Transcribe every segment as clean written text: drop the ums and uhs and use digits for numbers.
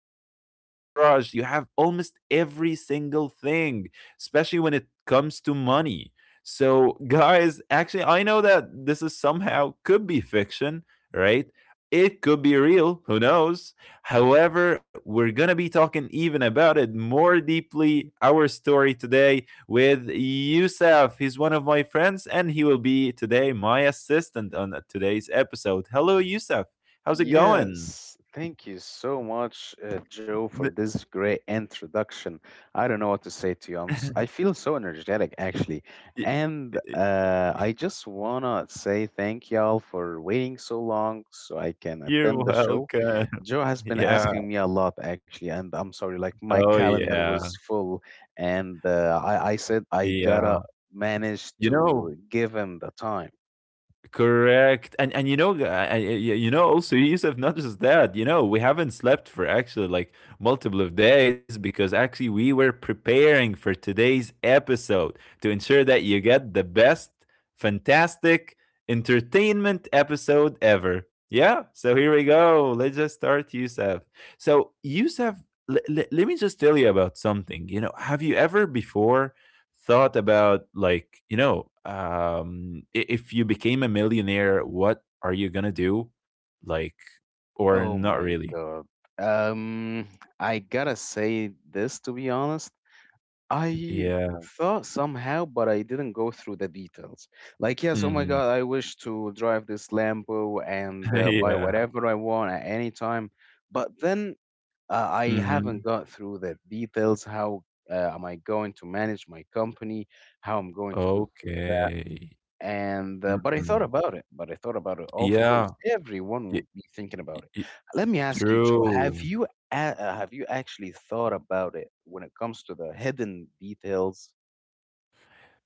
on your garage. You have almost every single thing, especially when it comes to money. So, guys, actually, I know that this is somehow could be fiction, right? It could be real, who knows? However, we're gonna be talking even about it more deeply. Our story today with Youssef. He's one of my friends, and he will be today my assistant on today's episode. Hello, Youssef. How's it going? Yes, thank you so much, Joe, for this great introduction. I don't know what to say to you. I feel so energetic, actually. Y And y uh, I just wanna say thank y'all for waiting so long so I can You're attend the show. welcome. Joe has been Yeah. asking me a lot, actually, and I'm sorry, like my Oh, calendar yeah. was full, and I said I Yeah. gotta manage You to know, give him the time. correct, and also Yusuf. Not just that, we haven't slept for actually like multiple of days because actually we were preparing for today's episode to ensure that you get the best, fantastic entertainment episode ever. Yeah, so here we go. Let's just start, Yusuf. So Yusuf, let me just tell you about something. You know, have you ever before thought about like if you became a millionaire, what are you gonna do, like, or Oh not my really? god. Um, I gotta say this, to be honest. I Yeah. thought somehow, but I didn't go through the details. Like, yes, oh my Hmm. god, I wish to drive this Lambo and buy Yeah. whatever I want at any time. But then I haven't Hmm. got through the details. How am I going to manage my company? How I'm going to do— Okay. and but I thought Hmm. about it. But I thought about it. Of Yeah. course, everyone y- would be thinking about it. y- Let me ask you, Joe. Have true you have you actually thought about it when it comes to the hidden details?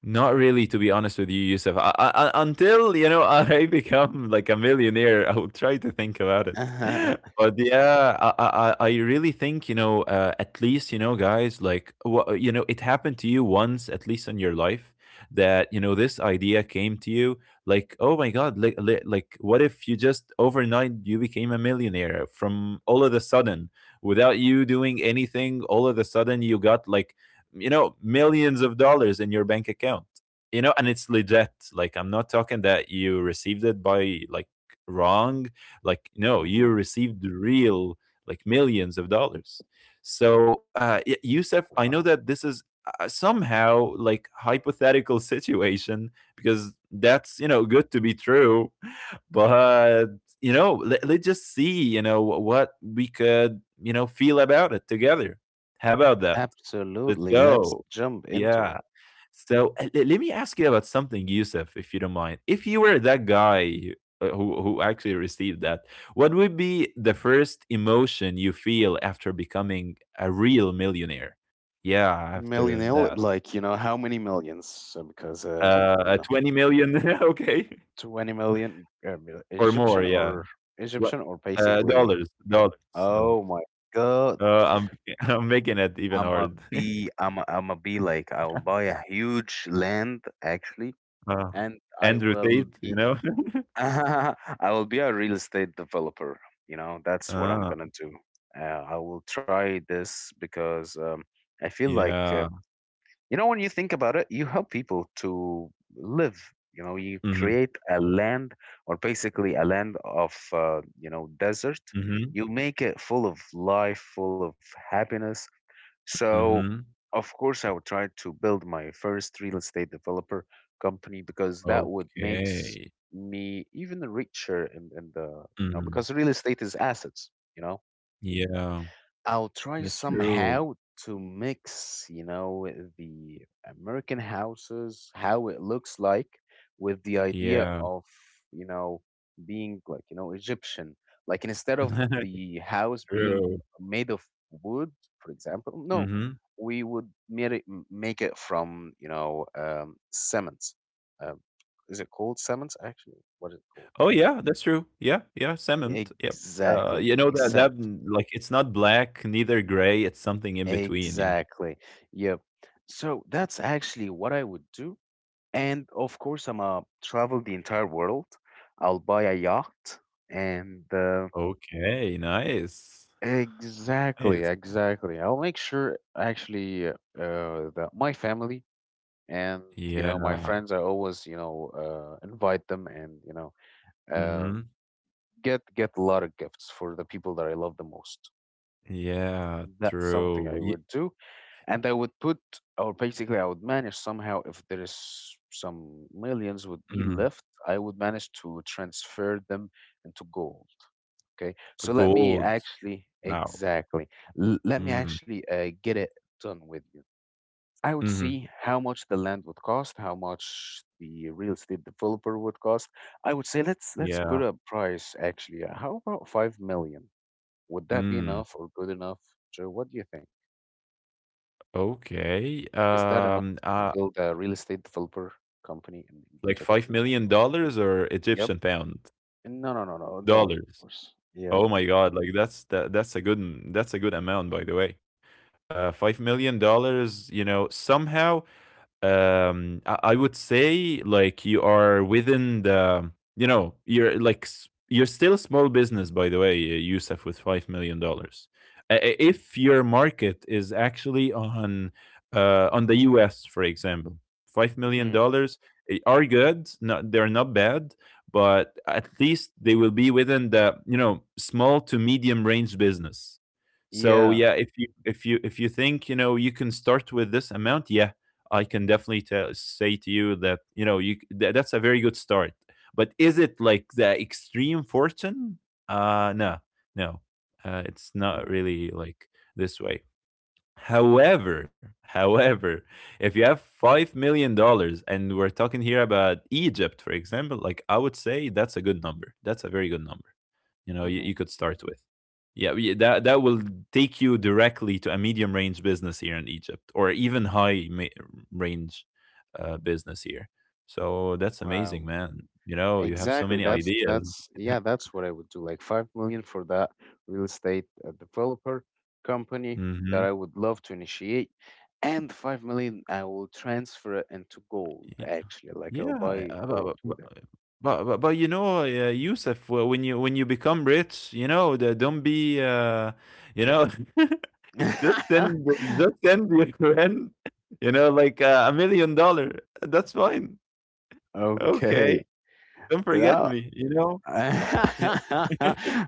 Not really, to be honest with you, Yusuf. Until I become like a millionaire, I will try to think about it. But yeah, I really think at least guys, like it happened to you once at least in your life that this idea came to you, like, oh my god, like like what if you just overnight you became a millionaire from all of a sudden, without you doing anything, all of a sudden you got like millions of dollars in your bank account, and it's legit, like I'm not talking that you received it by like wrong, like no, you Mhm. received real like millions of dollars. So, Yusuf, I know Wow. that this is somehow like hypothetical situation because that's good to be true, but let's just see what we could feel about it together. How about that? Let's Absolutely. Let's go. jump into it. Yeah. So, le let me ask you about something, Yusuf, if you don't mind. If you were that guy who actually received that, what would be the first emotion you feel after becoming a real millionaire? Yeah, after Millionaire, that. like, you know, how many millions? So because you know, 20 million, okay. 20 million Or more, Egyptian yeah. or Tw- Egyptian or uh, basically. dollars, dollars, dollars. Oh my God! I'm I'm making it even I'ma hard. be i am I'ma be like, I'll buy a huge land, actually, uh, and I Andrew will Tate, you be know? I will be a real estate developer. You know, that's what I'm Ah, gonna do. I will try this because I feel like, yeah. You know, when you think about it, you help people to live. You know, you Mm-hmm. create a land, or basically a land of, you know, desert. Mm-hmm. You make it full of life, full of happiness, so, Mhm. of course, I would try to build my first real estate developer company, because that would makes Okay. me even richer in the, you know, Mm. because real estate is assets, you know. Yeah. I'll try That's true. somehow to mix, you know, the American houses, how it looks like, with the idea Yeah. of, you know, being like, you know, Egyptian. Like, instead of the house being True. made of wood, for example, no, Mhm. we would made it, make it from, you know, cement. Um, is it called cement? Actually, what is it called? Oh, yeah, that's true. Yeah, yeah, salmon. Yep. Exactly, You know that cement. that like it's not black, neither gray, it's something in between, you know. Exactly. Yep. So that's actually what I would do. And of course, I'm gonna travel the entire world. I'll buy a yacht and— Okay, nice. exactly, Nice. exactly. I'll make sure, actually, that my family and, you know, my Yeah. friends, I always, you know, invite them, and, you know, uh, Mhm. get a lot of gifts for the people that I love the most. Yeah, That's something true. I Ye would do. And I would put, or basically, I would manage somehow, if there is some millions would be mm. left, I would manage to transfer them into gold. Okay. So let me Gold. actually— Wow. exactly— let me Mm. actually get it done with you. I would Mhm. see how much the land would cost, how much the real estate developer would cost. I would say, let's Yeah. put a price, actually. How about 5 million? Would that be Mm. enough, or good enough, Joe? What do you think? Okay. Is that enough to build a real estate developer company in Like Egypt, for $5 example? million dollars or Yep. Egyptian pound? No, no, no, no. Dollars, of Dollars. course. Yeah. Oh my God, like that's a good amount by the way. $5 million dollars, somehow I would say like you are within the you're you're still a small business by the way Yusuf with $5 million. If your market is actually on the US for example, 5 million Hmm. dollars are good, not, they're not bad, but at least they will be within the small to medium range business. So Yeah. yeah, if you think you can start with this amount, yeah, I can definitely tell, say to you that that's a very good start. But is it like the extreme fortune? No, no, it's not Hmm. really like this way. However, if you have $5 million and we're talking here about Egypt, for example, like I would say that's a good number. That's a very good number, you, Hmm. you could start with. Yeah, that will take you directly to a medium range business here in Egypt, or even high range business here. So that's amazing, Wow. man. You have so Exactly. many That's ideas. that's yeah, that's what I would do. Like, 5 million for that real estate developer company that Hmm. I would love to initiate, and 5 million I will transfer it into gold. Y- Actually, like, I'll Yeah, buy bu- gold bu- with it. bu- bu- but, Yusuf, when you become rich, don't be, you know, just send just send your friend, like $1 million. That's fine. Okay. Okay, don't forget No. me, you know? Yeah.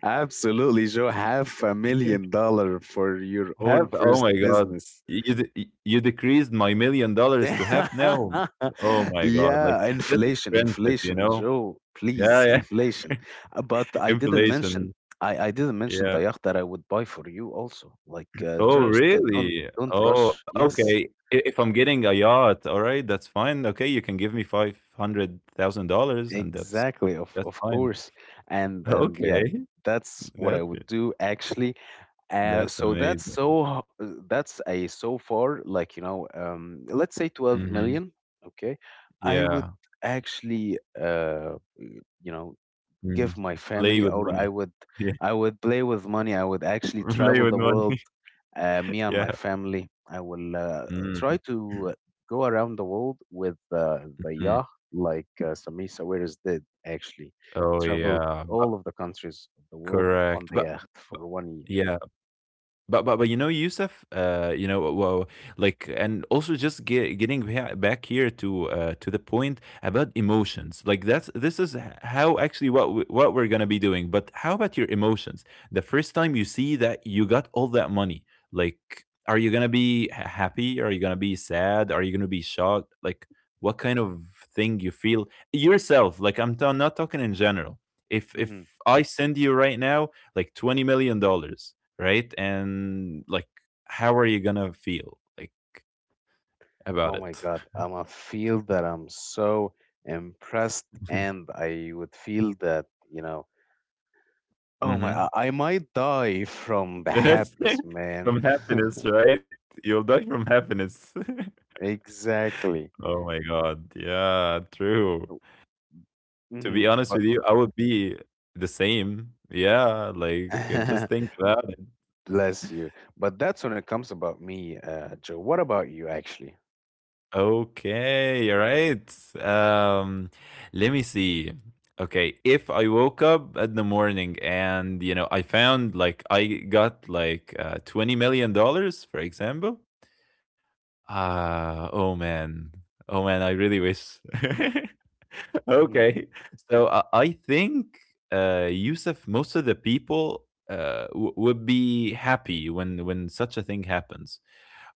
Absolutely, Joe. Half a million dollar for your own Have oh first my god. business. You de y you decreased my $1,000,000 to half now. Oh my god, like, Yeah, this is inflation, friendship, you inflation, know? Joe. Yeah, Please, yeah, inflation. But I didn't mention. inflation, I didn't mention yeah. the yacht that I would buy for you also. Like, Oh, just don't really? don't Oh, rush. Yes, okay. I if I'm getting a yacht, alright, that's fine. Okay, you can give me $500,000 and that's exactly. Of that's of fine. course. And and yeah, Okay, that's what I that's would it. do, actually. Uh, That's so that's amazing. so that's a, so far, like, you know, let's say 12 Mhm, million. Okay, I would yeah, actually— you know, mm. give my Play family, with or i money. would Yeah. i would play with money. I would actually Play travel with the world, money. Me and my Yeah. family. I will Mm. try to go around the world with the Mm. yacht, like Sami Sawiris did, actually. Oh, Traveled yeah. But all of the countries of the world on correct. the But yacht but for one year. yeah. But Yusuf, well, like, and also just getting back here to to the point about emotions. Like that's this is how actually what we're gonna be doing. But how about your emotions? The first time you see that you got all that money, like, are you gonna be happy? Are you gonna be sad? Are you gonna be shocked? Like, what kind of thing you feel yourself? Like, I'm not talking in general. If hmm I send you right now like $20 million, right? And like, how are you gonna feel, like, about Oh it? my God, I'm a feel that I'm so impressed, and I would feel that, you know, oh my, Hmm. I might die from the happiness, man. From happiness, right? You'll die from happiness. Exactly. Oh my god, yeah, true. To be honest But, with you, I would be the same. Yeah, like just think about. bless you. But that's when it comes about me, Joe. What about you, actually? Okay, all right. Um, let me see. Okay, if I woke up at the morning and I found like I got like $20 million, for example. Oh man, oh man, I really wish. Mhm. Okay, so I think Yusuf, most of the people would be happy when such a thing happens.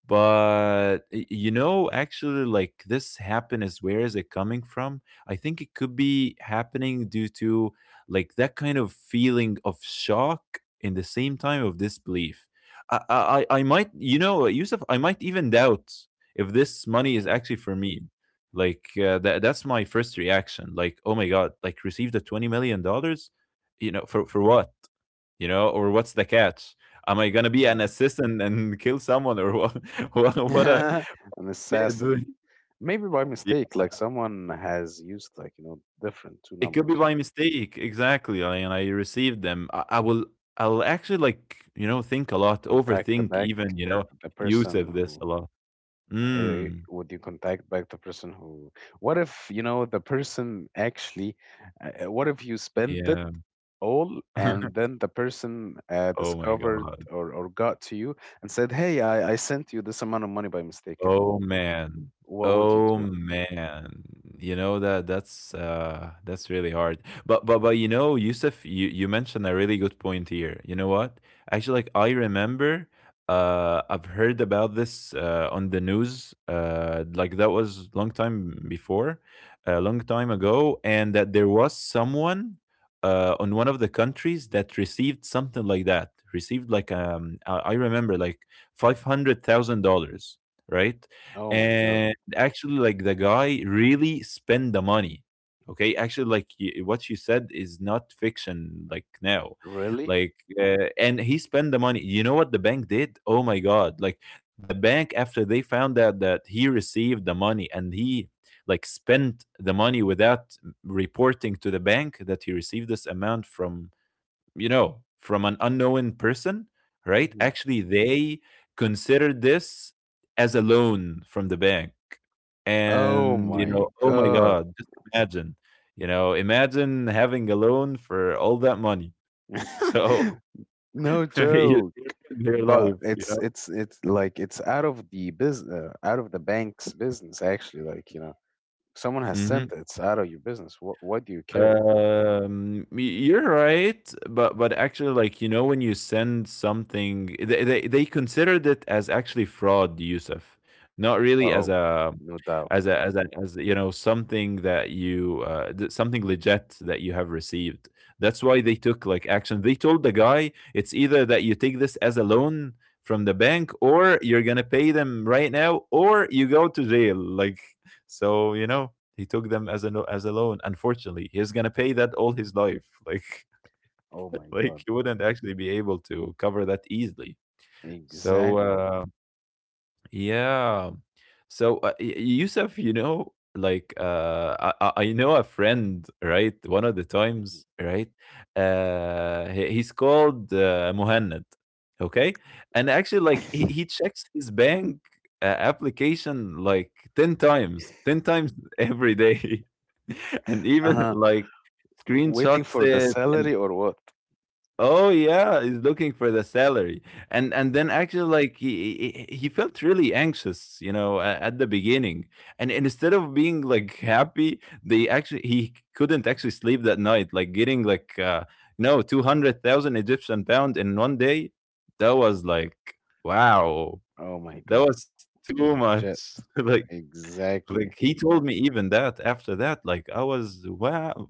But actually, like, this happiness, where is it coming from? I think it could be happening due to like that kind of feeling of shock in the same time of disbelief. I might Yusuf, I might even doubt if this money is Mm. actually for me. Like that's my first reaction, like, oh my god, like, received the $20 million, for what, or what's the catch? Am I gonna be an Mhm. assistant and kill someone, or what? What a, An yeah, assassin. dude. Maybe by Yeah, mistake, like, someone has used, like, you know, different two it could be numbers. by mistake, exactly. I and I received them. I'll actually, like, think a lot, Contact the overthink back— even, eh, the use person of this a who— lot. Mm. would you contact back the person who— what if, you know, the person actually— what if you spent it Yeah. all, and then the person Oh my discovered, god. or got to you and said, "Hey, I sent you this amount of money by mistake." And Oh man. what would you Oh do? man. You know that that's really hard. But you know, Yusuf, you mentioned a really good point here. You know what? Actually, like, I remember I've heard about this on the news. Like that was long time before, a long time ago, and that there was someone on one of the countries that received something like that. Received like I remember like $500,000, right? Oh my God. And actually, like the guy really spend the money. Okay, actually, like what you said is not fiction. Like now, Really? like and he spent the money. You know what the bank did? Oh my god! Like the bank after they found out that he received the money and he like spent the money without reporting to the bank that he received this amount from, from an unknown person, right? Mm-hmm. Actually, they considered this as a loan from the bank. Oh And, you know, my oh my god. God, just imagine, imagine having a loan for all that money. So, No joke. you're in their But life, you it's know? it's it's like, it's out of the business, out of the bank's business, actually. Like, you know, someone has Mm-hmm. sent it. It's out of your business. What do you care? Y you're right, but actually, like, you know, when you send something, they considered it as actually fraud, Yusuf, not really as Oh, a no doubt. As you know something that you something legit that you have received. That's why they took like action. They told the guy it's either that you take this as a loan from the bank, or you're gonna pay them right now, or you go to jail. Like, so you know he took them as a as a loan. Unfortunately, he's gonna pay that all his life. Like Oh my like god. he wouldn't actually be able to cover that easily. So Exactly. Yeah. So, Yusuf, you know, like I know a friend, right? One of the Mhm. times, right? He's called Muhannad, okay? And actually, like he checks his bank application like 10 times, 10 times every day, and even Uh-huh. like Waiting screenshots for the it and salary or what? Oh yeah, he's looking for the salary, and then actually like he felt really anxious, you know, at the beginning, and instead of being like happy, they actually he couldn't actually sleep that night, like getting like no 200,000 Egyptian pound in one day. That was like wow, Oh my that god. was too Legit. much. Like Exactly. he told me even that after that, like I was wow,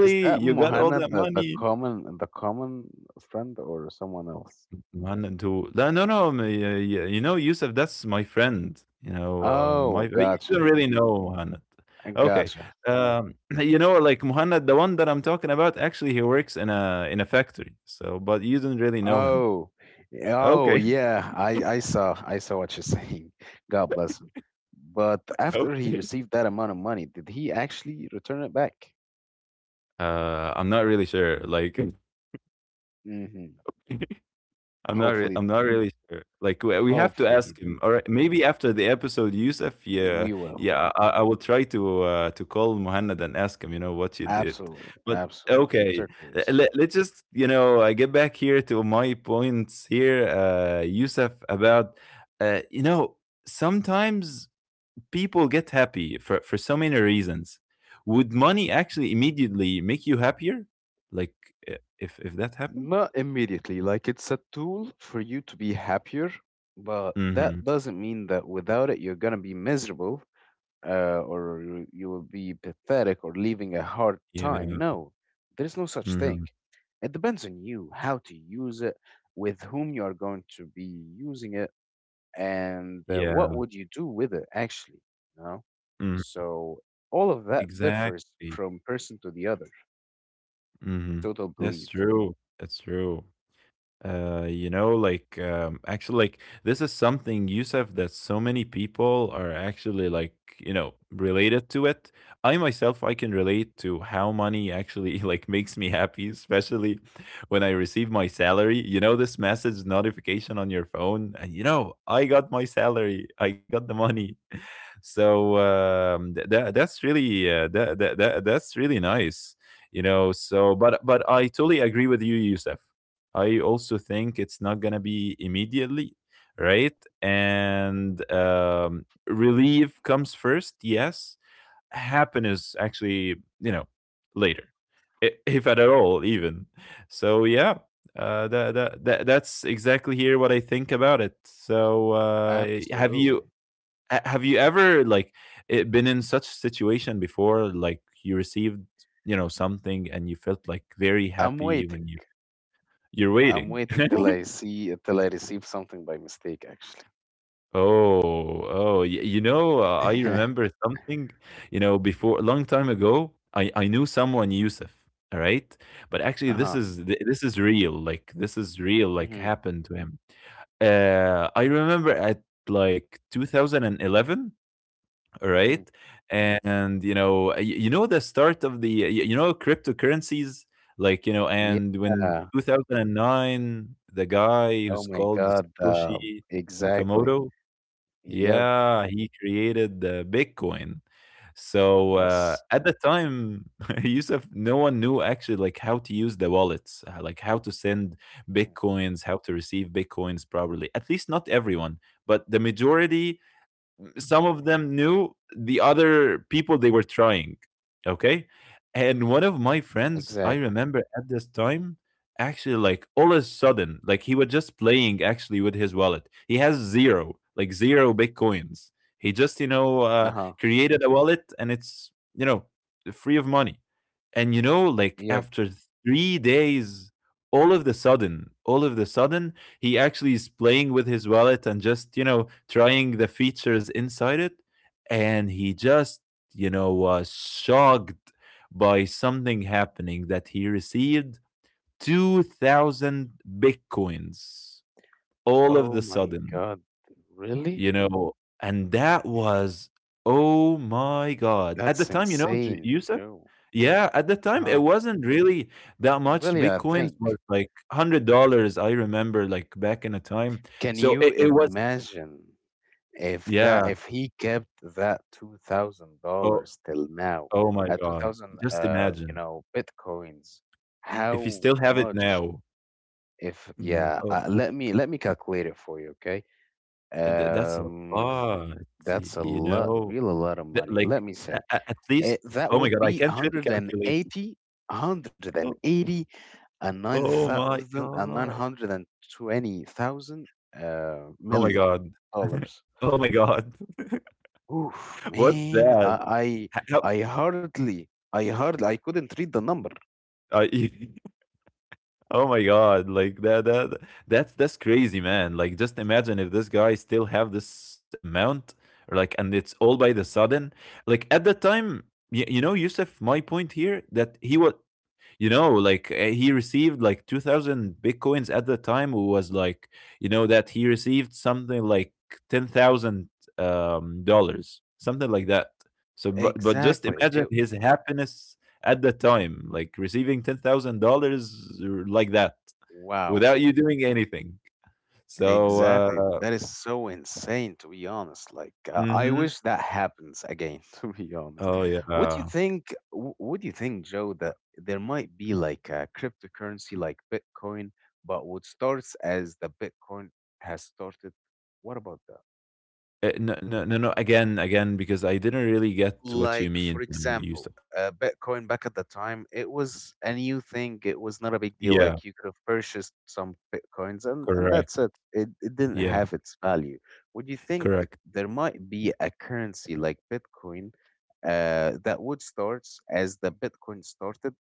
Is that you got all Mohana, that money? The common friend, or someone else? One two. No, no, no. You know, Yusuf, that's my friend. You know, my Oh, you don't gotcha. really know Muhammad. I Okay, gotcha. You know, like Muhammad, the one that I'm talking about, actually, he works in a factory. So, but you don't really know him. Oh, oh Okay, yeah. I saw what you're saying. God bless him. But after he okay. received that amount of money, did he actually return it back? I'm not really sure. Like, hmm I'm not. Hopefully I'm not really sure. Like we have to he ask did. him. All right, maybe after the episode, Yusuf. Yeah, We will. yeah. I will try to call Muhannad and ask him. You know what you did. Absolutely. But Absolutely. okay, So curious. Let's just you know get back here to my points here, Yusuf. About you know sometimes people get happy for so many reasons. Would money actually immediately make you happier? Like if that happened? Not immediately. Like, it's a tool for you to be happier, but that Mm-hmm. doesn't mean that without it you're gonna be miserable, or you will be pathetic, or living a hard time. Yeah. No, there is no such Mm-hmm. thing. It depends on you how to use it, with whom you are going to be using it, and what Yeah. would you do with it, actually. You know, Mhm. so all of that differs Exactly. from person to the other. That's my Mhm. total That's belief. true. That's true. You know, like, actually, like, this is something, Yusuf, that so many people are actually, like, you know, related to it. I myself, I can relate to how money actually, like, makes me happy, especially when I receive my salary. You know, this message notification on your phone, and you know, I got my salary, I got the money. So that that's really that's really nice, you know. So but I totally agree with you, Yusuf. I also think it's not gonna be immediately, right? And relief comes first, yes. Happiness actually, you know, later, if at all even. So yeah, that's exactly here what I think about it. So have you Absolutely. Have you ever like it been in such situation before, like you received you know something and you felt like very I'm happy when waiting. you you're I'm waiting? waiting till I see till I receive something by mistake, actually. Oh you know I remember something, you know, before a long time ago. I knew someone, Yusuf, all right? But actually this Uh-huh. is this is real, like this is real, like Mhm. happened to him. I remember at like 2011, Mhm. right? And you know, you know the start of the you know cryptocurrencies, like, you know, and when Yeah. 2009, the guy Oh who's my called God. Satoshi Exactly. Nakamoto, Yep. yeah, he created the Bitcoin. So Yes. at the time, Yusuf, no one knew actually like how to use the wallets, like how to send Mhm. bitcoins, how to receive bitcoins properly. At least not everyone, but the majority, Mhm. some of them knew, the other people they were trying. Okay. And one of my Exactly. friends, I remember at this time, actually, like all of a sudden, like he was just playing actually with his wallet. He has zero, like zero bitcoins. He just, you Uh-huh. know, created a wallet and it's, you know, free of money. And, you know, Yep. like after 3 days, all of the sudden, he actually is playing with his wallet and just, you know, trying the features inside it. And he just, you know, was shocked by something happening, that he received 2,000 bitcoins all of Oh the my sudden, God. Really? you know. And that was, oh my God. That's At the time, you know, insane, Yusuf, Joe. yeah, at the time Uh-huh. it wasn't really that much. Really, I Bitcoins was think. like $100, I remember, like back in a time. Can So you it was imagine if that yeah. if he kept that two thousand Oh dollars till now, oh my two god. thousand Just you imagine. know bitcoins, If you how still have it much? now. If Mhm. yeah, Oh, let me calculate it for you, okay? That's a Um, lot, that's a you lot, know? real a lot of That, money. like Let me say. At least That oh my would god, I be can't really 180, and calculate. 80, one hundred and Oh, eighty, and nine oh my thousand and nine god. hundred and twenty thousand million Oh my million god. dollars. oh my god. Oof, What's man, that? I, How, how- I, I hardly, I hardly, I couldn't read the number. I Oh my god, like that's that's crazy, man. Like just imagine if this guy still have this amount, or like, and it's all by the sudden. Like at the time, you know, Yusuf, my point here that he was, you know, like he received like 2,000 bitcoins at the time, who was like, you know, that he received something like 10,000 dollars, something like that. So but just Exactly. imagine It, his happiness at the time, like receiving $10,000, like that wow. without you doing anything. So Exactly. That is so insane, to be honest. Like, I hmm, wish that happens again. To be honest, oh what do you yeah. think? What do you think, Joe, that there might be like a cryptocurrency like Bitcoin, but what starts as the Bitcoin has started? What about that? No, no, no, no. Again, again, because I didn't really get what you Like, for mean, example, Yusuf. Bitcoin back at the time, it was a new thing. It was not a big deal. Yeah, Like, you could have purchased some Bitcoins, and that's correct. it. It didn't Yeah, have its value. Would you think correct. there might be a currency like Bitcoin, that would start as the Bitcoin started,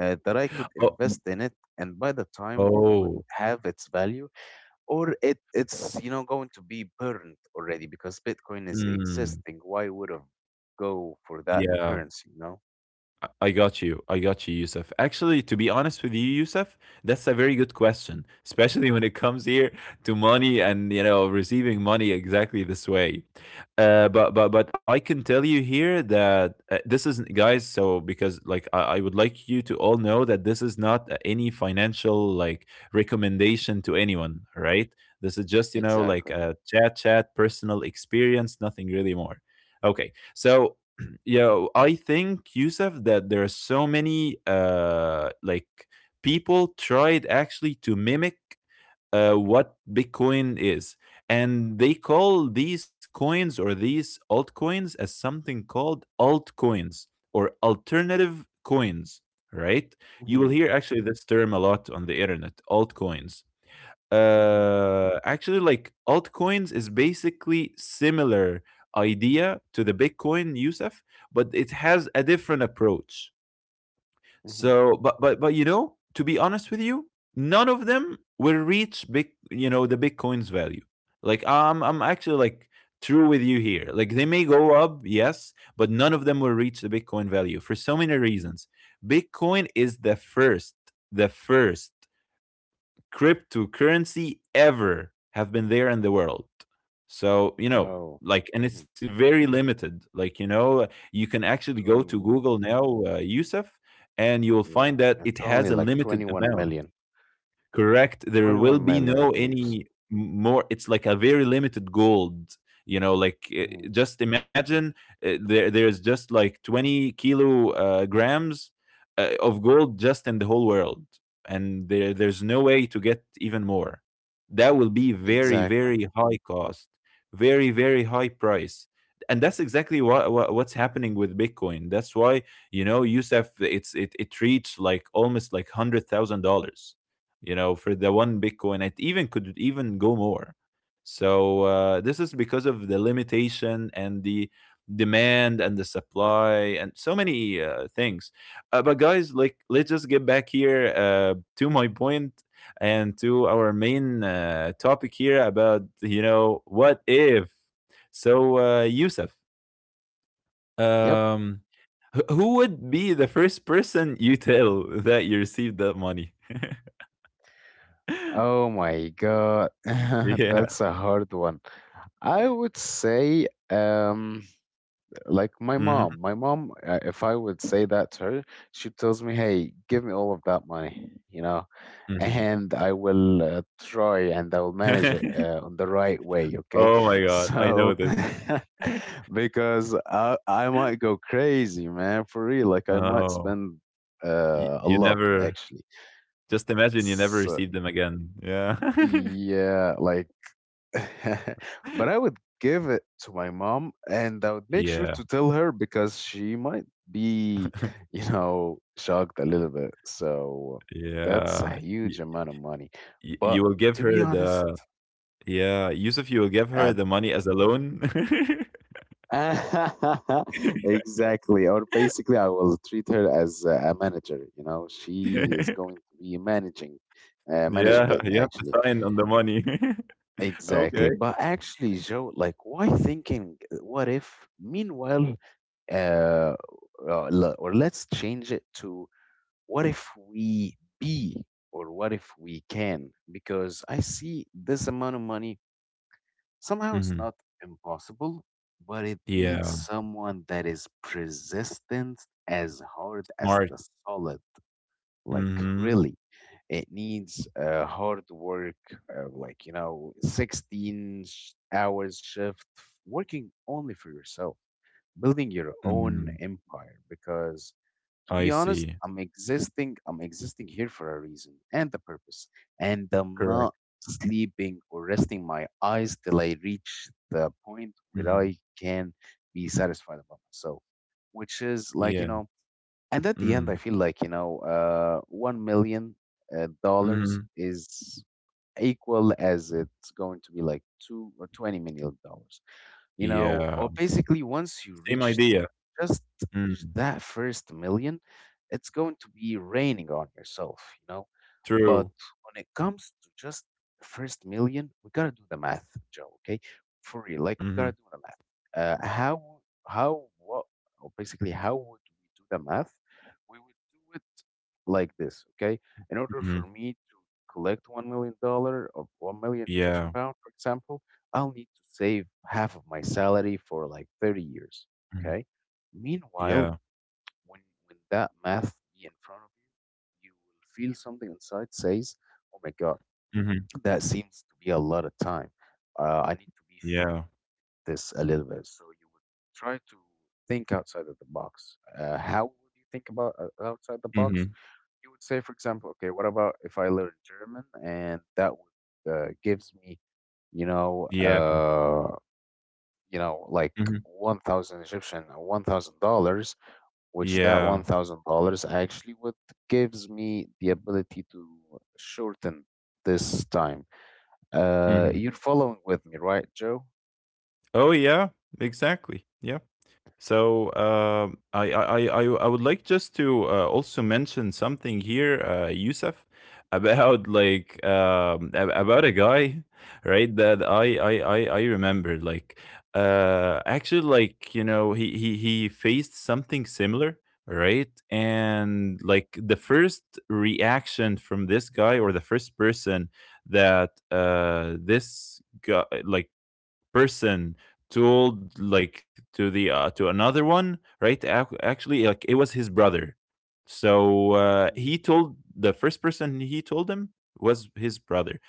that I could Oh, invest y in it, and by the time would oh, have its value? Or it's you know, going to be burned already, because Bitcoin is mm, existing. Why would I go for that yeah. currency? You know. I got you. I got you, Yusuf. Actually, to be honest with you, Yusuf, that's a very good question, especially when it comes here to money and you know receiving money exactly this way. But I can tell you here that this isn't, guys. So because like I would like you to all know that this is not any financial like recommendation to anyone, right? This is just you know Exactly. like a chat, personal experience, nothing really more. Okay, so yeah, I think, Yusuf, that there are so many like people tried actually to mimic what Bitcoin is. And they call these coins or these altcoins as something called altcoins or alternative coins, right? You will Mm-hmm. hear actually this term a lot on the internet, altcoins. Mm-hmm. Actually, like altcoins is basically similar idea to the Bitcoin, Yusuf, but it has a different approach. Mm-hmm. So, but you know, to be honest with you, none of them will reach big, you know, the Bitcoin's value. Like I'm actually like true with you here. Like they may go up, yes, but none of them will reach the Bitcoin value for so many reasons. Bitcoin is the first cryptocurrency ever have been there in the world. So, you know, Oh, like, and mm-hmm. it's very limited. Like, you know, you can actually go to 21 million. Google now, Yusuf, and you'll Yeah, find that it it's only has a like limited 21 amount. million. Correct. There will 21 be million, I no believe. any more. It's like a very limited gold. You know, like Hmm. just imagine there's just like 20 kilo grams of gold just in the whole world, and there's no way to get even more. That will be very Exactly. very high cost, very very high price, and that's exactly what's happening with Bitcoin. That's why, you know, Yusef, it reached like almost like $100,000, you know, for the one Bitcoin. It even could even go more. So this is because of the limitation and the demand and the supply and so many things. But guys, like let's just get back here to my point and to our main topic here about you know what if. So Yusuf, Yep. um, who would be the first person you tell that you received that money? Oh my God. yeah. That's a hard one. I would say, like, my mom. My mom, if I would say that to her, she tells me, "Hey, give me all of that money," you know, hmm and I will try, and I will manage it on the right way. Okay, Oh my god, I know so— this. because I might go crazy, man, for real. Like, I might Oh, spend a you lot, never actually. just imagine you never So received them again. Yeah. yeah, like— but I would give it to my mom, and I would make sure Yeah. to tell her, because she might be, you know, shocked a little bit. So that's a Yeah. huge Y- amount of money. But you will give to be her honest, the yeah, Yusuf, you will give her at the money as a loan. exactly, or basically, I will treat her as a manager. You know, she is going to be managing, managing Yeah, it you have to actually. sign on the money. Okay. Exactly. But actually, Joe, like, why thinking, what if? Meanwhile, uh, le- or let's change it to what if we be, or what if we can, because I see this amount of money somehow it's Hmm. not impossible, but it needs Yeah, someone that is persistent as hard as smart. the solid, like Mm-hmm. Hmm. really. It needs hard work, like you know, 16 hours shift, working only for yourself, building your own Mm. empire. Because, to I be honest, see. I'm existing here for a reason and a purpose, and I'm Correct. not sleeping or resting my eyes till I reach the point where Hmm. I can be satisfied about myself, which is like you Yeah. know. And at the end, I Mm. feel like you know, 1 million dollars Hmm. is equal. As it's going to be like $2 or $20 million, you know. Yeah. Or basically, once you Same reach idea. just, Mm, that first million, it's going to be raining on yourself, you know. But true. when it comes to just first million, we gotta do the math, Joe. Okay, for real, like we gotta Mhm, do the math. Uh, how how what? Or basically, how would we do the math? We would do it like this, okay? In order for mhm. me to collect $1 million, or 1 million Egyptian Yeah. pound, for example, I'll need to save half of my salary for like 30 years, Mhm. okay? Meanwhile, Yeah. when when that math be in front of you, you will feel something inside says, "Oh my God, Mhm. that seems to be a lot of time. I need to be short Yeah. this a little bit." So you would try to think outside of the box. How would you think about, outside the box? Mhm. You would say, for example, okay, what about if I learn German and that would gives me, you know, Yeah. uh, like Mhm. 1,000 Egyptian, $1,000, which that one Yeah. thousand dollars actually would gives me the ability to shorten this time. Mhm. You're following with me, right, Joe? Oh, yeah. Exactly. Yeah. So I would like just to also mention something here, Yusuf, about like about a guy, right? That I remember like actually like you know he faced something similar, right? And like the first reaction from this guy or the first person that this guy like person told like to the to another one right actually like it was his brother, so he told the first person, he told him, was his brother.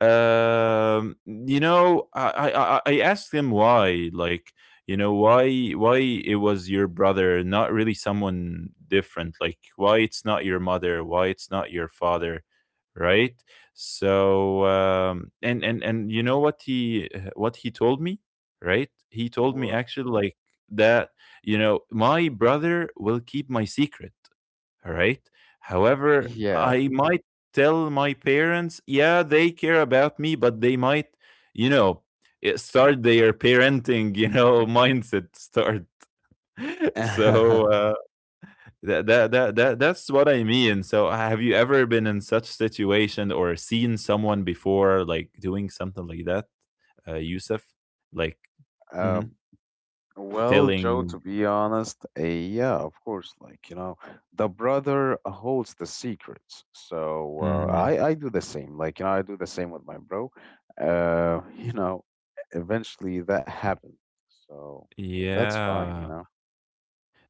You know, I asked him why, like, you know, why it was your brother, not really someone different, like why it's not your mother, why it's not your father, right? So, and you know what he told me, right? He told me Well, actually like that, you know, my brother will keep my secret. Alright? However, yeah. I might tell my parents, yeah, they care about me, but they might, you know, start their parenting, you know, mindset start. So that's what I mean. So have you ever been in such situation or seen someone before, like doing something like that, Yusuf? Like, um, mhm, well, Joe, telling, to be honest, yeah, of course. Like you know, the brother holds the secrets. So mhm, I do the same. Like you know, I do the same with my bro. You know, eventually that happened. So that's fine. Yeah.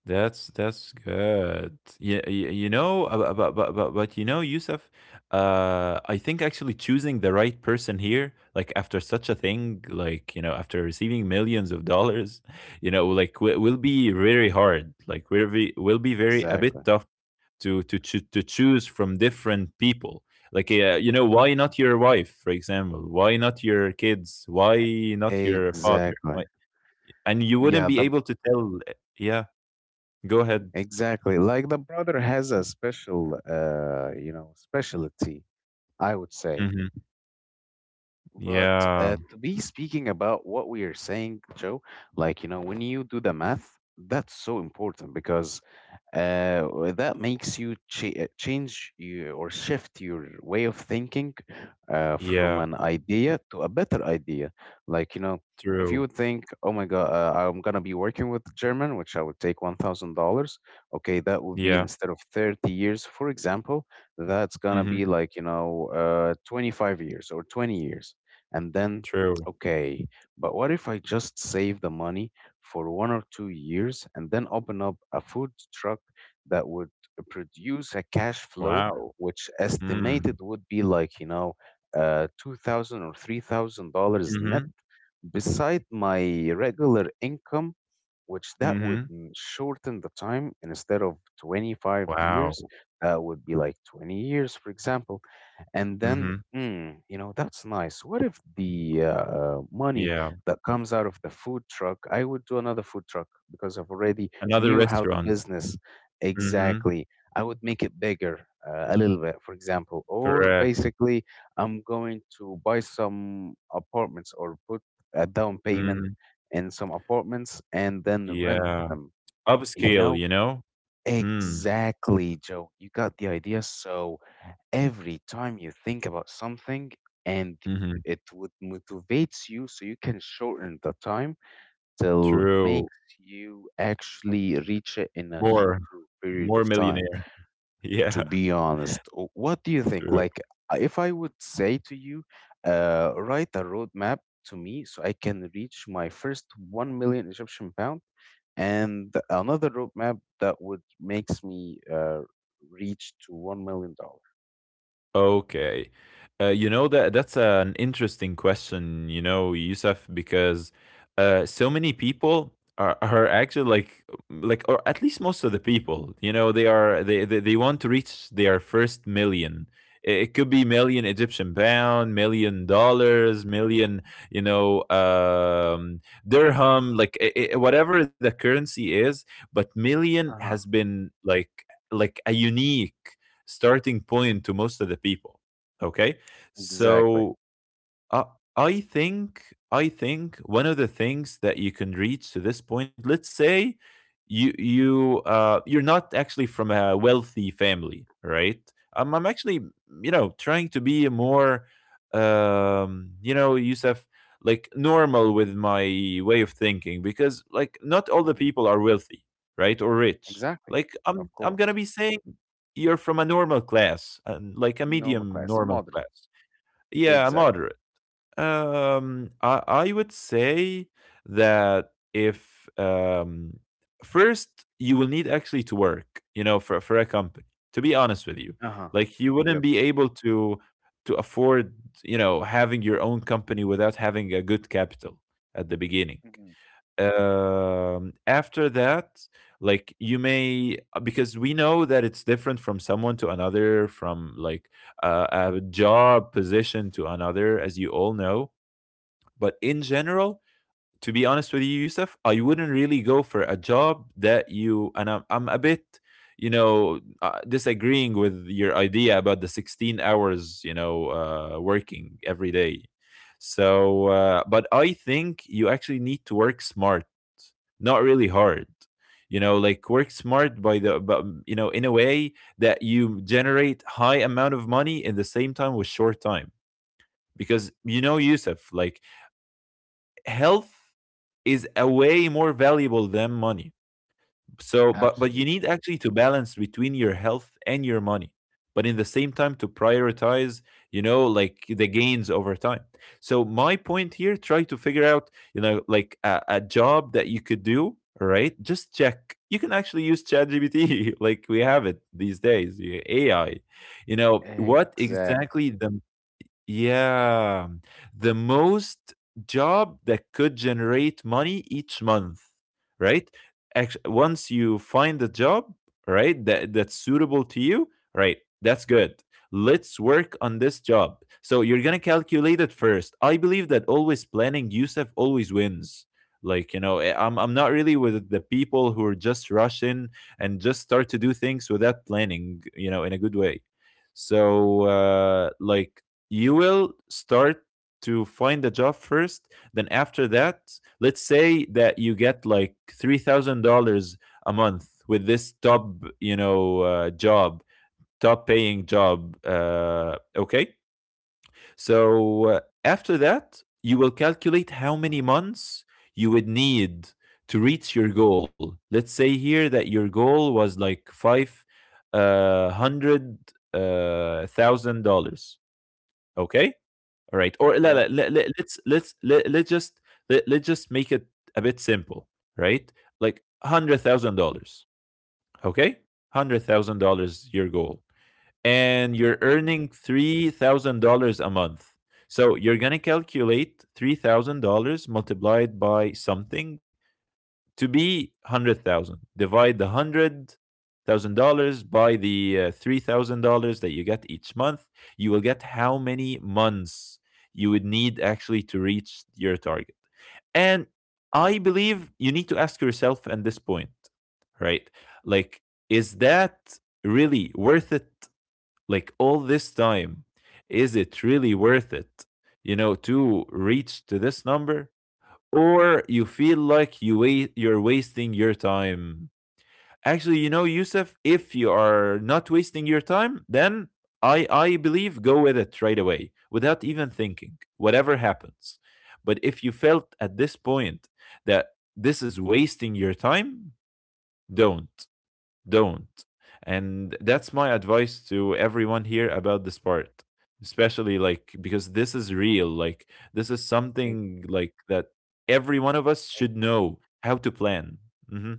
That's good. Yeah, you know, but you know, Yusuf, I think actually choosing the right person here, like after such a thing, like you know, after receiving millions of dollars, you know, like will be very hard. Like will be very a Exactly, bit tough to choose from different people. Like you know, why not your wife, for example? Why not your kids? Why not your father? exactly. Why? And you wouldn't Yeah, be the. able to tell. Yeah, go ahead. Exactly, like the brother has a special specialty, I would say. Mhm. But Yeah. to be speaking about what we are saying, Joe, like, you know, when you do the math, that's so important. Because well, that makes you change you, or shift your way of thinking from Yeah. an idea to a better idea. Like, you know, if you True. would think, oh my God, I'm going to be working with German, which I would take $1,000. Okay, that would be Yeah. instead of 30 years, for example. That's going to Mhm. be like, you know, 25 years or 20 years. And then, True. okay, but what if I just save the money for 1 or 2 years and then open up a food truck? That would produce a cash flow, Wow. which Mm. estimated would be like you know, $2,000 or $3,000 net, Mhm. beside my regular income, which that Mhm. would shorten the time. And instead of 25 Wow. years, that would be like 20 years, for example. And then, Mhm. That's nice. What if the money Yeah. that comes out of the food truck, I would do another food truck, because I've already Another knew how the restaurant. business. Mhm. Exactly. I would make it bigger a little bit, for example. Or Correct. basically, I'm going to buy some apartments, or put a down payment Mhm. in some apartments and then rent Yeah. them. You Upscale, know? you know? Mm. Exactly, Joe. You got the idea. So every time you think about something, and Mhm. it would motivates you, so you can shorten the time till True. makes you actually reach it in a More shorter period more of time, millionaire. Yeah. to be honest. What do you think? True. Like, if I would say to you, write a roadmap to me so I can reach my first 1 million Egyptian pound, and another roadmap that would makes me reach to $1 million. Okay. You know that that's an interesting question, you know, Yusuf, because so many people are actually like or at least most of the people, you know, they are they want to reach their first million. It could be million Egyptian pound, million dollars, million, you know, dirham, like whatever the currency is. But million Uh has huh. been like a unique starting point to most of the people. Okay, Exactly. so, uh, I think one of the things that you can reach to this point, let's say you're not actually from a wealthy family, right? I'm actually, you know, trying to be more, you know, Yusuf, like normal with my way of thinking, because like not all the Exactly. people are wealthy, right? Or rich. Exactly. Like I'm Of I'm going to course. be saying you're from a normal class and like a Normal medium class, normal moderate. class, yeah, a Exactly. moderate, I would say that if, first you will need actually to work, you know, for a company. To be honest with you, Uh huh. like you wouldn't Yep. be able to afford, you know, having your own company without having a good capital at the beginning. Hmm. After that, like you may, because we know that it's different from someone to another, from like a job position to another, as you all know, but in general, to be honest with you, Yusuf, I wouldn't really go for a job that you, and I'm a bit, you know, disagreeing with your idea about the 16 hours, you know, working every day. So, but I think you actually need to work smart, not really hard. You know, like work smart, but, you know, in a way that you generate high amount of money in the same time with short time, because you know, Yusuf, like health is a way more valuable than money. So, but you Absolutely. need actually to balance between your health and your money, but in the same time to prioritize, you know, like the gains over time. So my point here, try to figure out, you know, like a job that you could do, right? Just check. You can actually use ChatGPT, like we have it these days, AI. You know what Exact. exactly the yeah, the most job that could generate money each month, right? Once you find a job, right, that's suitable to you, right? That's good. Let's work on this job. So you're gonna calculate it first. I believe that always planning, Yusuf, always wins. Like you know, I'm not really with the people who are just rushing and just start to do things without planning. You know, in a good way. So like you will start to find a job first. Then after that, let's say that you get like $3,000 a month with this top, you know, job, top paying job. Okay, so after that, you will calculate how Uh-huh. many months you would need to reach your goal. Let's say here that your goal was like five hundred thousand dollars. Okay, all right. Or لا Yep. لا let, let, let's let, let's just make it a bit simple, right? Like $100,000, okay? $100,000 your goal. And you're uh, earning $3,000 a month. So you're going to calculate $3,000 multiplied by something to be 100,000. Divide the $100,000 by the $3,000 that you get each month. You will get how many months you would need actually to reach your target. And I believe you need to ask yourself at this point, right? Like, is that really worth it? Like, all this time, is it really worth it, you know, to reach to this number? Or you feel like you're wasting your time. Actually, you know, Yusuf, if you are not wasting your time, then I believe go with it right away without even thinking, whatever happens. But if you felt at this point that this is wasting your time, don't. Don't. And that's my advice to everyone here about this part, especially like because this is real. Like, this is e- something like that every one of us e- should know how to plan. hmm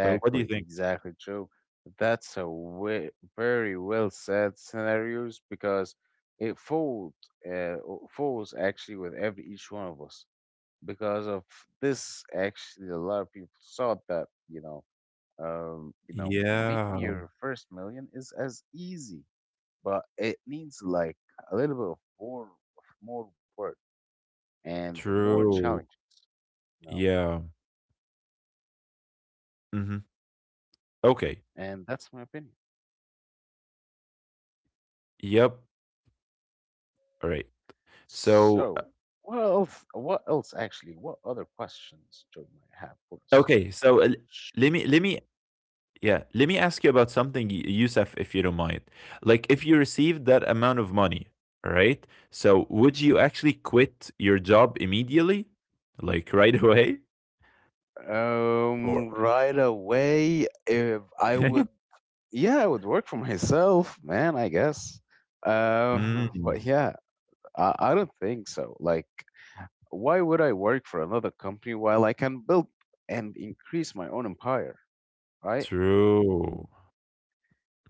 So, what do you think? Exactly. True. That's a very well said scenarios, because it falls actually with every each one of us, because of this. Actually, a lot of people thought that you know, Yeah, making your first million is as easy, but it needs like a little bit of more work, and more true. challenges, you know. Yeah. Hmm. Okay. And that's my opinion. Yep. All right. So, So, what else? What else actually? What other questions Joe might have for us? okay. So, Sh- let me Yeah, let me ask you about something, Youssef, if you don't mind. Like, if you received that amount of money, all right? So, would you actually quit your job immediately, like right away, or? Right away, if I would, yeah, I would work for myself, man, I guess. Uh, Mm, but yeah, I don't think so. Like, why would I work for another company while I can build and increase my own empire? Right? true.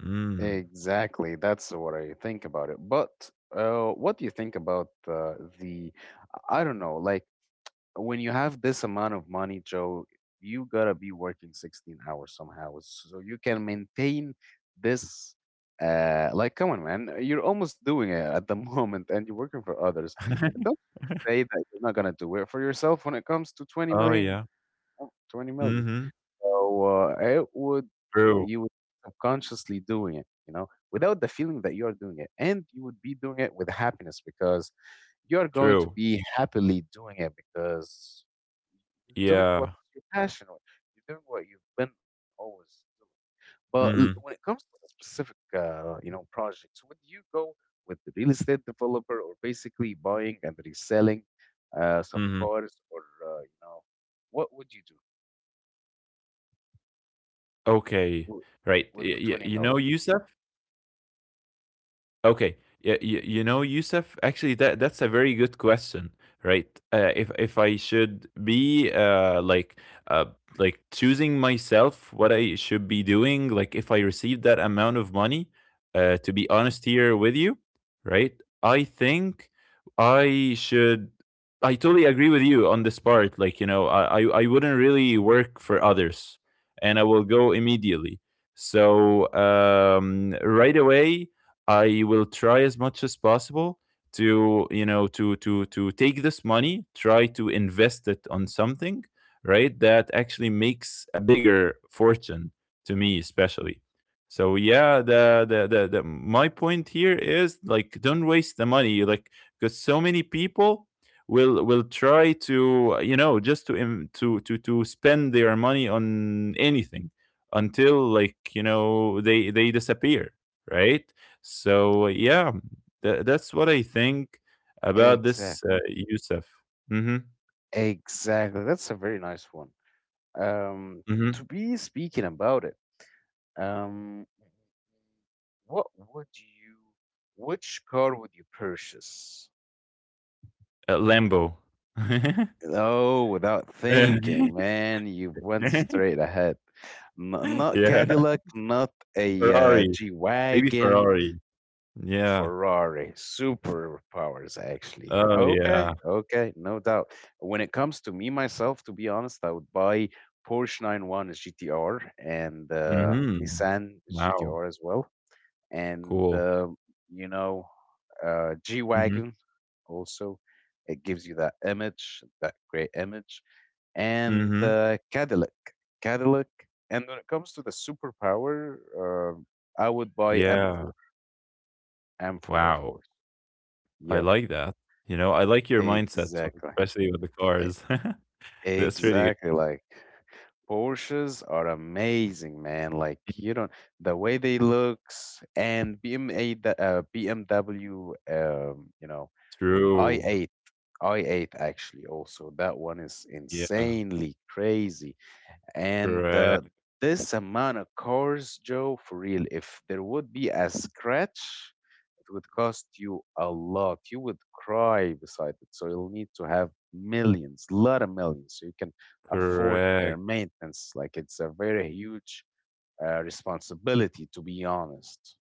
Mm. Exactly. That's what I think about it. But what do you think about, the? I don't know. Like, when you have this amount of money, Joe, you gotta be working 16 hours somehow, so you can maintain this. Like, come on, man, you're almost doing it at the moment, and you're working for others. Don't say that you're not gonna do it for yourself when it comes to twenty Oh million. yeah. Oh, 20 million. Mm-hmm. So it would True. you would subconsciously doing it, you know, without the feeling that you are doing it, and you would be doing it with happiness, because you are going to True. be happily doing it, because you're doing Yeah. what you're passionate. You're doing what you've been always doing. But Mm-hmm. when it comes to the specific, projects, would you go with the real estate developer, or basically buying and reselling some Mm-hmm. cars? Or, uh, you know, what would you do Okay. w- Right. with the twenty You know, million? Yusuf. Okay. Yeah, you know, Yusuf, actually that's a very good question, right? If I should be, uh like choosing myself what I should be doing, like if I receive that amount of money, to be honest here with you, right? I think I should I totally agree with you on this part. Like, you know, I wouldn't really work for others, and I will go immediately. So right away I will try as much as possible to you know to take this money, try to invest it on something, right? That actually makes a bigger fortune to me, especially. So yeah, the my point here is like don't waste the money, like because so many people will try to you know just to im- to spend their money on anything until like you know they disappear, right? So yeah, that's what I think about this, Exact, Youssef. Mhm, exactly. That's a very nice one. Um, mhm. to be speaking about it, um, what would you, which car would you purchase? Lambo. Oh, without thinking, man, you went straight ahead. Not Yeah, Cadillac, not a Ferrari, G maybe wagon, Ferrari. Yeah. Ferrari, superpowers, actually. Oh, yeah. Okay, okay, no doubt. When it comes to me, myself, to be honest, I would buy Porsche 911 GTR, and Mhm. Nissan Wow, GTR as well, and cool. You know, G Mhm, Wagon also. It gives you that image, that great image, and mhm. Cadillac. And when it comes to the superpower, I would buy Yeah. M4, M4, of Wow, course. I Yep, like that. You know, I like your mindset, so exactly. especially with the E- cars. That's really good. Exactly. Like, Porsches are amazing, man. Like you don't, the way they Mhm. looks, and BMA, the, BMW, True. i8 i8 actually, also. That one is Yeah. insanely crazy. And Correct, this amount of cars, Joe, for real, if there would be a scratch, it would cost you a lot. You would cry beside it. So you'll need to have millions, lot of millions, so you can afford correct. their maintenance. Like it's a very huge responsibility, to be honest.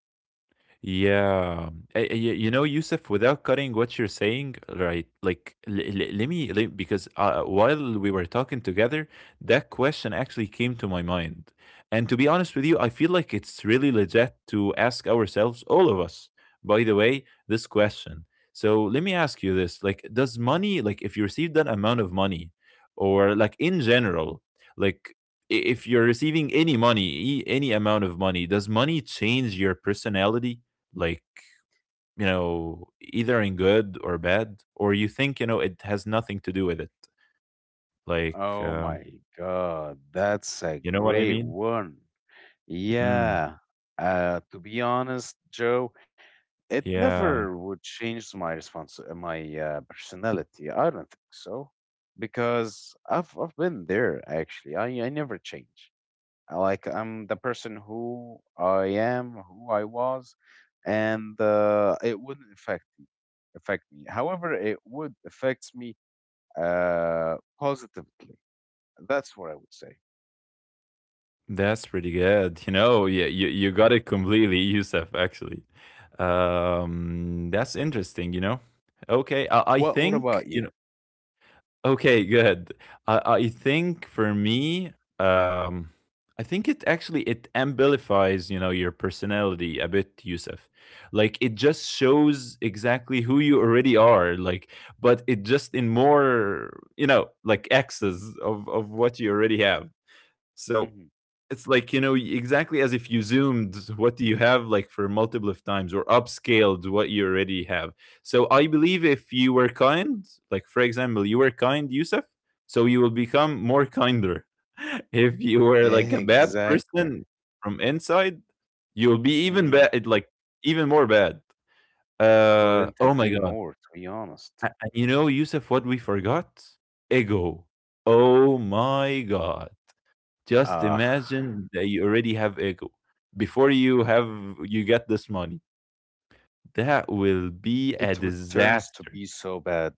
Yeah, you know, Yusuf, without cutting what you're saying, right? Like, because while we were talking together, that question actually came to my mind. And to be honest with you, I feel like it's really legit to ask ourselves, all of us, by the way, this question. So let me ask you this: like, does money, like, if you receive that amount of money, or like in general, like if you're receiving any money, any amount of money, does money change your personality? Like, either in good or bad, or you think, it has nothing to do with it, like, Oh my God, that's you a know what I great mean? one. Mm, Yeah. To be honest, Joe, it never yeah, would change my response, my personality. I don't think so, because I've been there actually. I never change. I Like, I'm the person who I am, who I was, and it wouldn't affect me. However, it would affect me positively. That's what I would say. that's pretty good. Yeah, you got it completely, Yusuf. Actually, that's interesting. Okay. I What think. about you? Okay, good. I think for me, um, I think it, actually, it amplifies, your personality a bit, Yusuf. Like, it just shows exactly who you already are, like, but it just in more, like X's of what you already have. So Hmm. it's like, exactly as if you zoomed what do you have, like, for multiple of times, or upscaled what you already have. So I believe if you were kind, like, for example, you were kind, Yusuf, so you will become more kinder. If you were like a bad Exactly. person from inside, you'll be even Mm, bad, like, even more bad. Couldn't Oh my agree God. more, to be honest. And you know, Yusuf, what we forgot? Ego. Oh my God. Just Ah. imagine that you already have ego before you get this money. That will be a It would turns to disaster. be so bad.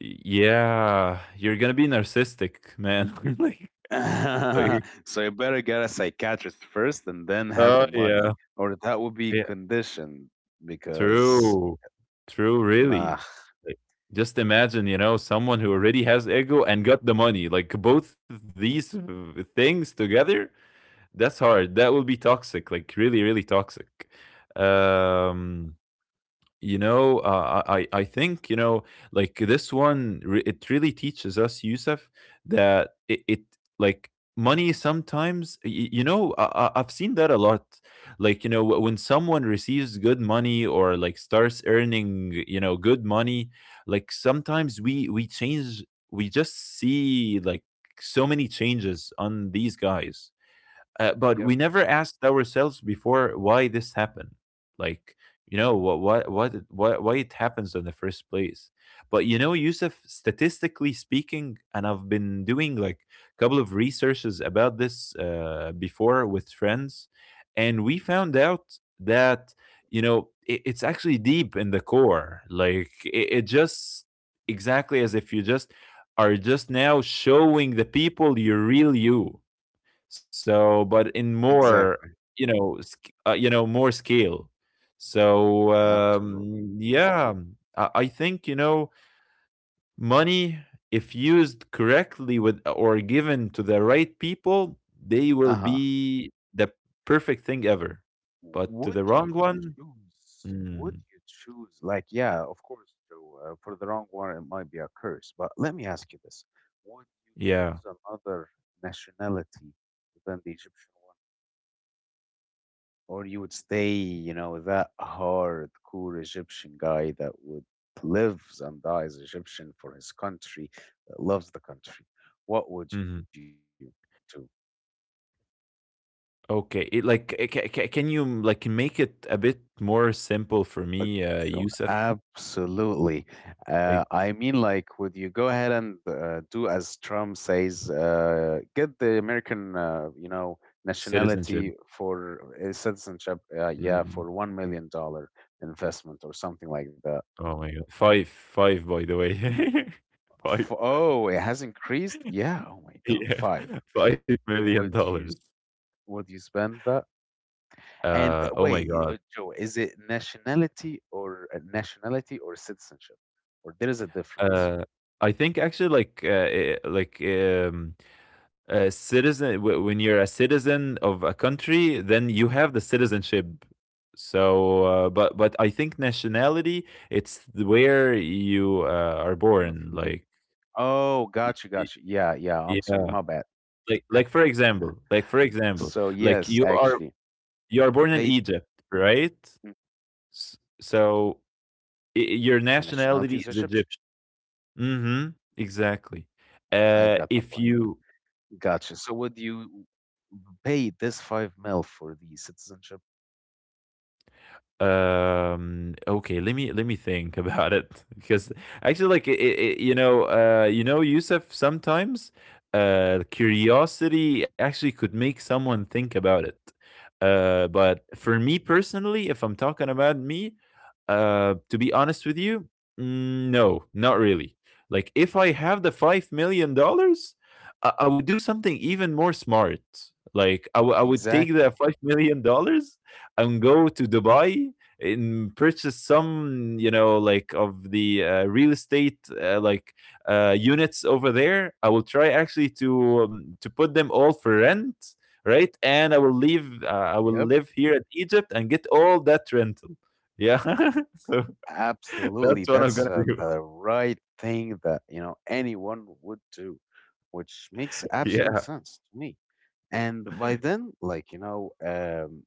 Yeah, you're gonna be narcissistic, man. Like So you better get a psychiatrist first and then have Oh, the yeah, money, or that would be yeah. conditioned, because True. True, nah. really. Like, just imagine, someone who already has ego and got the money. Like both these things together, that's hard. That will be toxic, like really, really toxic. Um I think, like, this one it really teaches us, Yusuf, that it, like, money sometimes, I've seen that a lot. Like, when someone receives good money, or like starts earning, good money, like sometimes we change. We just see, like, so many changes on these guys, but we Yep, never asked ourselves before why this happened. Like, why it happens in the first place. But Yusuf, statistically speaking, and I've been doing like a couple of researches about this, before, with friends, and we found out that it's actually deep in the core. Like, it just, exactly as if you just are just now showing the people your real you, so, but in more, exactly. More scale. So, Absolutely. Yeah, I think, money, if used correctly with, or given to the right people, they will Uh-huh. be the perfect thing ever. W- But to Would the wrong you one, choose? Would mm, you choose? Like, yeah, of course, Joe. For the wrong one, it might be a curse. But let me ask you this: would you yeah. choose another nationality than the Egyptian one? Or you would stay, you know, that hardcore Egyptian guy that would lives and dies Egyptian for his country, that loves the country. What would you hmm do? Okay, it, like ca- ca- can you, like, make it a bit more simple for Oh, me, Yusuf? absolutely. Like, I mean, like, would you go ahead and do as Trump says, get the American, citizenship. nationality, for citizenship? Yeah, Mm-hmm. for $1 million investment or something like that. Oh my god. 5, 5, by the way. 5. F Oh, it has increased? Yeah. Oh my God. Yeah. Five. Would you s- $5,000,000. would you spend that? And Oh my wait, god. Joe, is it nationality or citizenship? Or there is a difference? Uh, I think, actually, like, like, a citizen w when you're a citizen of a country, then you have the citizenship. So, but I think nationality, it's where you, are You've born, like, like, oh, y gotcha, y gotcha. Yeah, yeah. I'm sorry. yeah, My bad. For example like So for yes, example, actually, like you are would you pay, you are born in Egypt, mm, right? S- So my i- your nationality is nationality Egyptian? is Egyptian. Mm-hmm. Exactly. I got the point. If you Gotcha. So would you pay this five mil for the citizenship? Okay let me think about it, because actually, like, Yusuf, sometimes curiosity actually could make someone think about it. But for me personally, if I'm talking about me, to be honest with you, mm, no, not really. Like, if I have the $5,000,000, I would do something even more smart. Like, I would take the Exactly. $5,000,000 and go to Dubai, in purchase some, like, of the real estate, like, units over there. I will try actually to put them all for rent, right, and Yep. I will live here at Egypt and get all that rental. Yeah. So, Absolutely. that's what I'm That's gonna do. the right thing that, you know, anyone would do, which makes absolute Yeah. sense to me. And by then, like,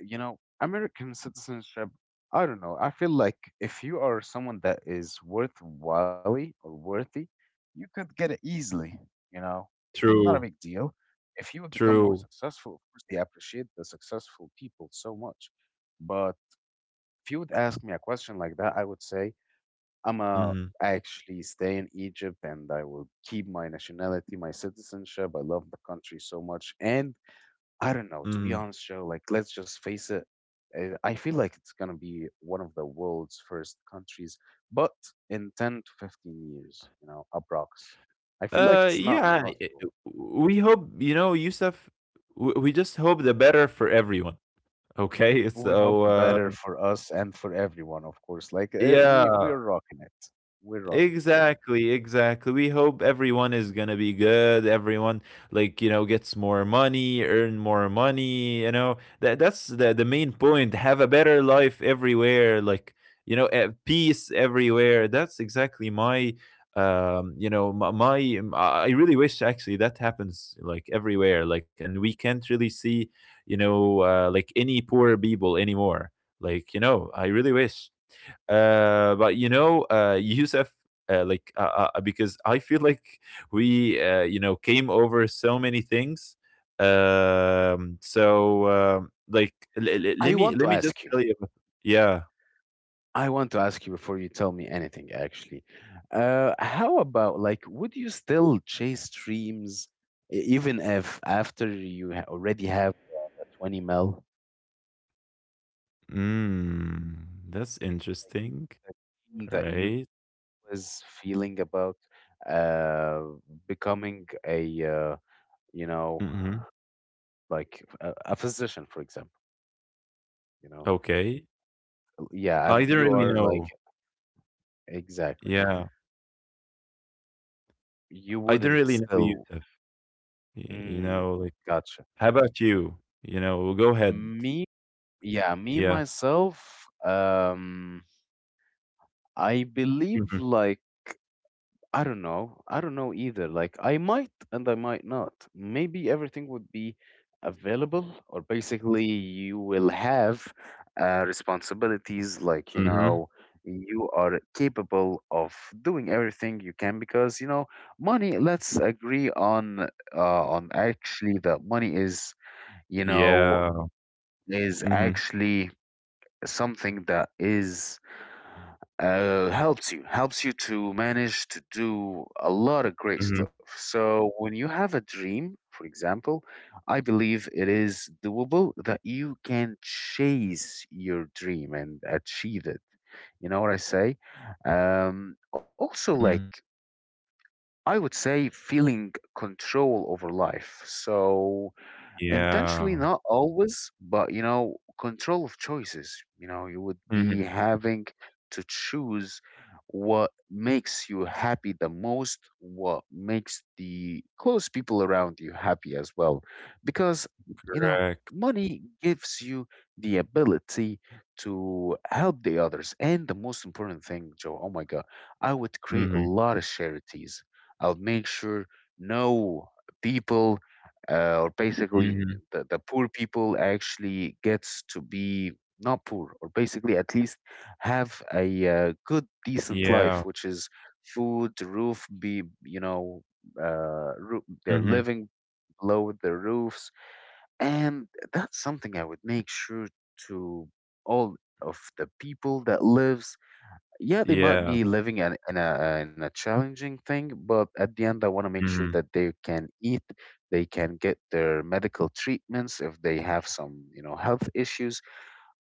you know, American citizenship, I don't know. I feel like if you are someone that is worthwhile or worthy, you could get it easily, you know, not a big True, deal. If you would become more true. successful, of course, they appreciate the successful people so much. But if you would ask me a question like that, I would say, I'm a Hmm, actually stay in Egypt and I will keep my nationality, my citizenship. I love the country so much. And I don't know. To hmm. be honest, Joe, like let's just face it. I feel like it's gonna be one of the world's first countries, but in 10 to 15 years, you know, approx. I feel like it's not Yeah. Impossible. We hope, Yusuf, we just hope the better for everyone. Okay. We hope So, the better for us and for everyone, of course. Like we yeah, are rocking it. We're rocking exactly, exactly. We hope everyone is gonna be good. Everyone, like, gets more money, earn more money. You know that that's the main point. Have a better life everywhere. Like, peace everywhere. That's exactly. my you know my, my I really wish actually that happens like everywhere, like, and we can't really see, like, any poor people anymore, like, I really wish. But, Yusuf, like, because I feel like we, came over so many things. So, like, it. I let want to me let me ask just you. tell you. Yeah. I want to ask you before you tell me anything, actually. How about like, would you still chase dreams e- even if after you ha- already have the 20 mil, That's interesting, like the dream that you right? was feeling about uh, becoming a, you know, Mm-hmm. like a physician, for example, you know? Okay. Yeah, I and you didn't really are like, know. exactly. Yeah, You I didn't wouldn't really know, still, Yusuf. Mm, Like, gotcha. how about you? Go ahead. Me. Yeah, me Yeah. myself, I believe Mm-hmm. like I don't know. I don't know either. Like I might and I might not. Maybe everything would be available or basically you will have responsibilities like, you Mm-hmm. know, you are capable of doing everything you can because, you know, money, let's agree on actually that money is, you know, Yeah. is Mm-hmm. actually something that is helps you to manage to do a lot of great Mhm, stuff. So when you have a dream, for example, I believe it is doable that you can chase your dream and achieve it, you know what I say. Also like mhm, I would say feeling control over life, so yeah, intentionally not always, but you know, control of choices, you know, you would mhm, be having to choose what makes you happy the most, what makes the close people around you happy as well. Because, you know, correct, money gives you the ability to help the others. And the most important thing, Joe, oh my God, I would create a mhm, lot of charities. I'll make sure no people or basically mhm, the poor people actually gets to be not poor, or basically at least have a good decent yeah, life, which is food, roof, be, you know, roo they're mhm, living below their roofs. And that's something I would make sure to all of the people that lives. Yeah, they might yeah, be living in a challenging thing, but at the end I want to make sure mhm, that they can eat, they can get their medical treatments if they have some, you know, health issues.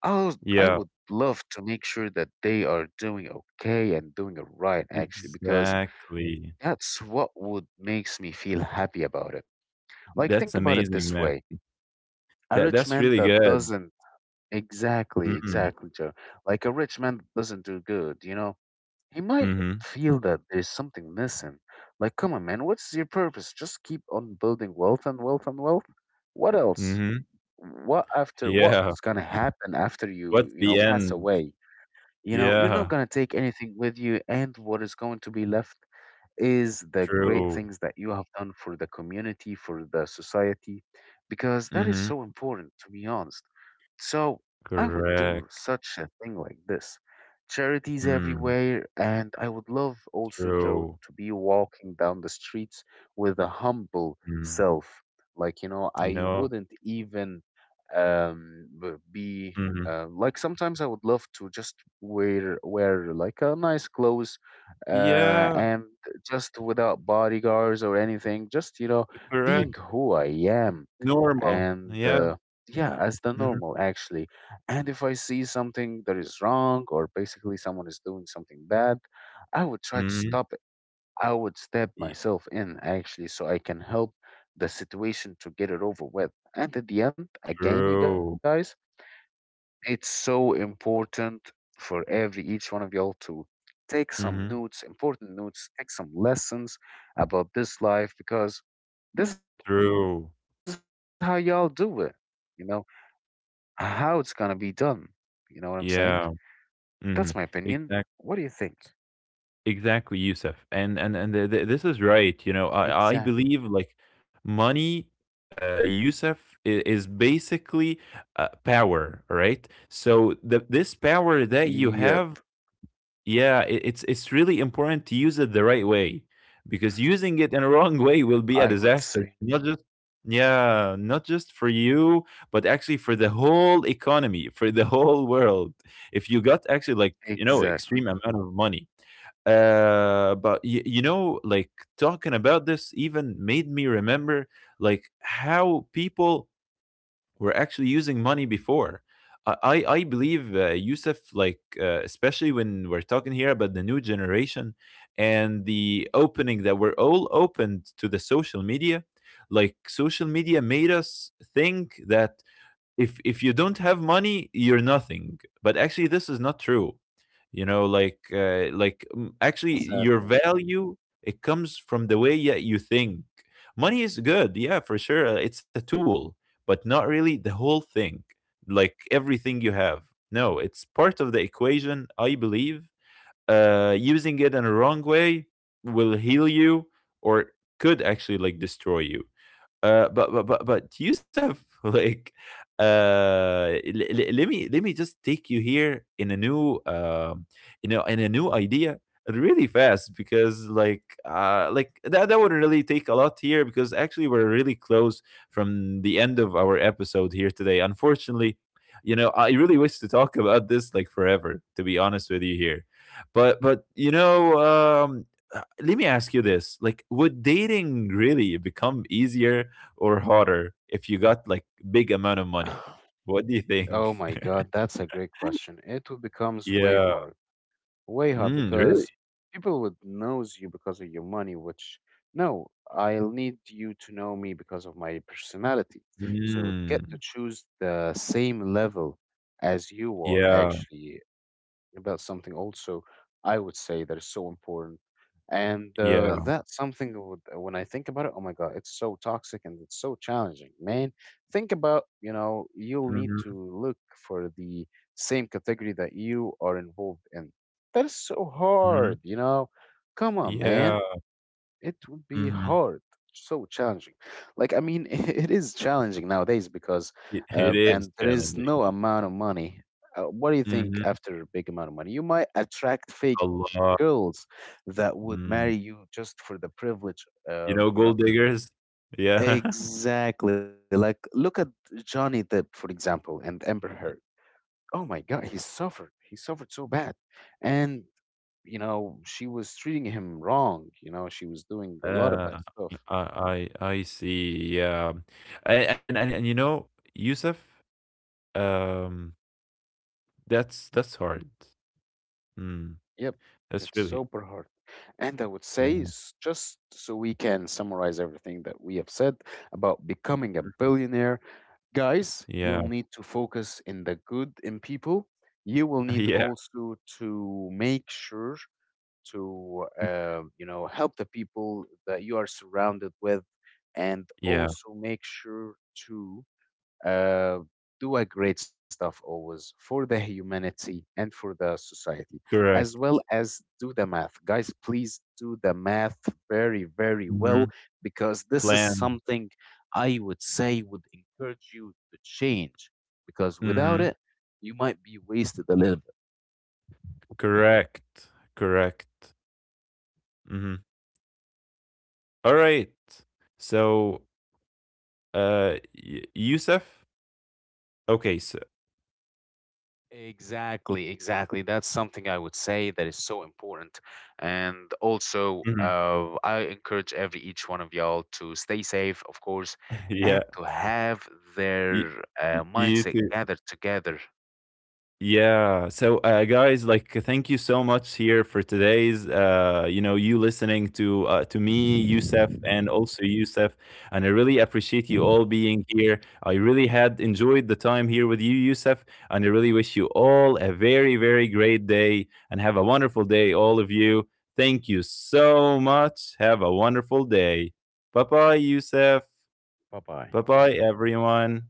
I yeah, would love to make sure that they are doing okay and doing it right actually, because exactly. that's what would makes me feel happy about it. Like think That's about it this amazing, way, man. a That rich that's man really that good. doesn't. Exactly, Mhm, exactly, Joe. Like a rich man that doesn't do good, you know, he might mhm, feel that there's something missing. Like, come on, man, what's your purpose? Just keep on building wealth and wealth and wealth. What else? mhm, What after? yeah. What's gonna happen after you, What's you the know, pass end? away? You know, you're not Yeah, gonna take anything with you, and what is going to be left is the great true. things that you have done for the community, for the society, because that is Mhm, so important, to be honest. So I would do correct. such a thing like this. Charities Mm, everywhere, and I would love also, true. Joe, to be walking down the streets with a humble Mm, self. Like, you know, you I know? wouldn't even be Mhm, like sometimes I would love to just wear like a nice clothes yeah, and just without bodyguards or anything, just you know, correct. being who I am Normal. and Yeah. Yeah, as the Mhm, normal actually. And if I see something that is wrong, or basically someone is doing something bad, I would try to mhm, stop it. I would step myself in actually, so I can help the situation to get it over with. And at the end again, true. you guys, it's so important for every each one of y'all to take Mhm. some notes, important notes, take some lessons about this life, because this is how y'all True. do it, you know, how it's gonna be done, you know what I'm saying. That's my Yeah. opinion. What do Mhm. you think? Exact exactly, Yusuf. And th th this is right. Exactly. I believe, like, money, Yusuf, is basically, power, right? So the this power that Yep, you have, yeah, it's really important to use it the right way, because using it in a wrong way I will would be a say disaster. Not just, yeah, not just for you, but actually for the whole economy, for the whole world. If you got actually, like, exactly. extreme amount of money, but like, talking about this even made me remember like how people were actually using money before. I believe, Yusuf, like, especially when we're talking here about the new generation, and the opening that we're all opened to the social media. Like, social media made us think that if you don't have money you're nothing, but actually this is not true. Actually, Sadly, your value, it comes from the way that you think. Money is good, yeah, for sure. It's a tool, but not really the whole thing, like everything you have. No, it's part of the equation, I believe. Using it in a wrong way will heal you, or could actually, like, destroy you. But, Yusuf, like, let me just take you here in a new, you know, in a new idea, really fast, because that would really take a lot here, because actually we're really close from the end of our episode here today. Unfortunately, I really wish to talk about this like forever. To be honest with you here, but, let me ask you this, like, would dating really become easier or harder if you got like big amount of money? What do you think? oh my God, that's a great question. It will becomes way Yeah. hard, way hard, Mm, really? because people would knows you because of your money, which no, I'll need you to know me because of my personality. So you would get to Mm. choose the same level as you are Yeah. actually. About something also I would say that is so important. And Yeah. that's something that would, when I think about it, oh my God, it's so toxic and it's so challenging, man. Think about, you know, you'll need Hmm, to look for the same category that you are involved in. That is so hmm. hard, you know. Come on, Yeah. man, it would be Hmm. hard, so challenging. Like I mean it is challenging nowadays because It, it is and there is challenging. no amount of money. What do you think, Hmm. after a big amount of money, you might attract fake A lot. girls that would Mm. marry you just for the privilege, you know. Gold diggers. Yeah. Exactly, like look at Johnny Depp for example and Amber Heard. Oh my God, he suffered, he suffered so bad. And you know, she was treating him wrong, you know, she was doing a lot of bad Uh, stuff. I see. Yeah. And Yusuf, um, that's hard. Mm, Yep, that's it's really. super hard. And I would say, Yeah, just so we can summarize everything that we have said about becoming a billionaire, guys, yeah, you'll need to focus in the good in people. You will need yeah. also to make sure to, you know, help the people that you are surrounded with, and Yeah, also make sure to uh, do a great stuff always for the humanity and for the society, as correct. well as do the math. Guys, please do the math very, very well, Mhm. because this is Plan. something I would say would encourage you to change, because without Mhm. it, you might be wasted a little bit. Correct. Correct. Mhm. All right. So, y Yusuf? Okay, so. Exactly, exactly. That's something I would say that is so important. And also, Mhm. I encourage every each one of y'all to stay safe, of course, and Yeah. to have Y their y you mindset too. gathered together. Yeah. So, guys, like, thank you so much here for today's, you listening to me, Youssef, and also Youssef, and I really appreciate you all being here. I really had enjoyed the time here with you, Youssef, and I really wish you all a very, very great day, and have a wonderful day, all of you. Thank you so much. Have a wonderful day. Bye bye, Youssef. Bye bye. Bye bye, everyone.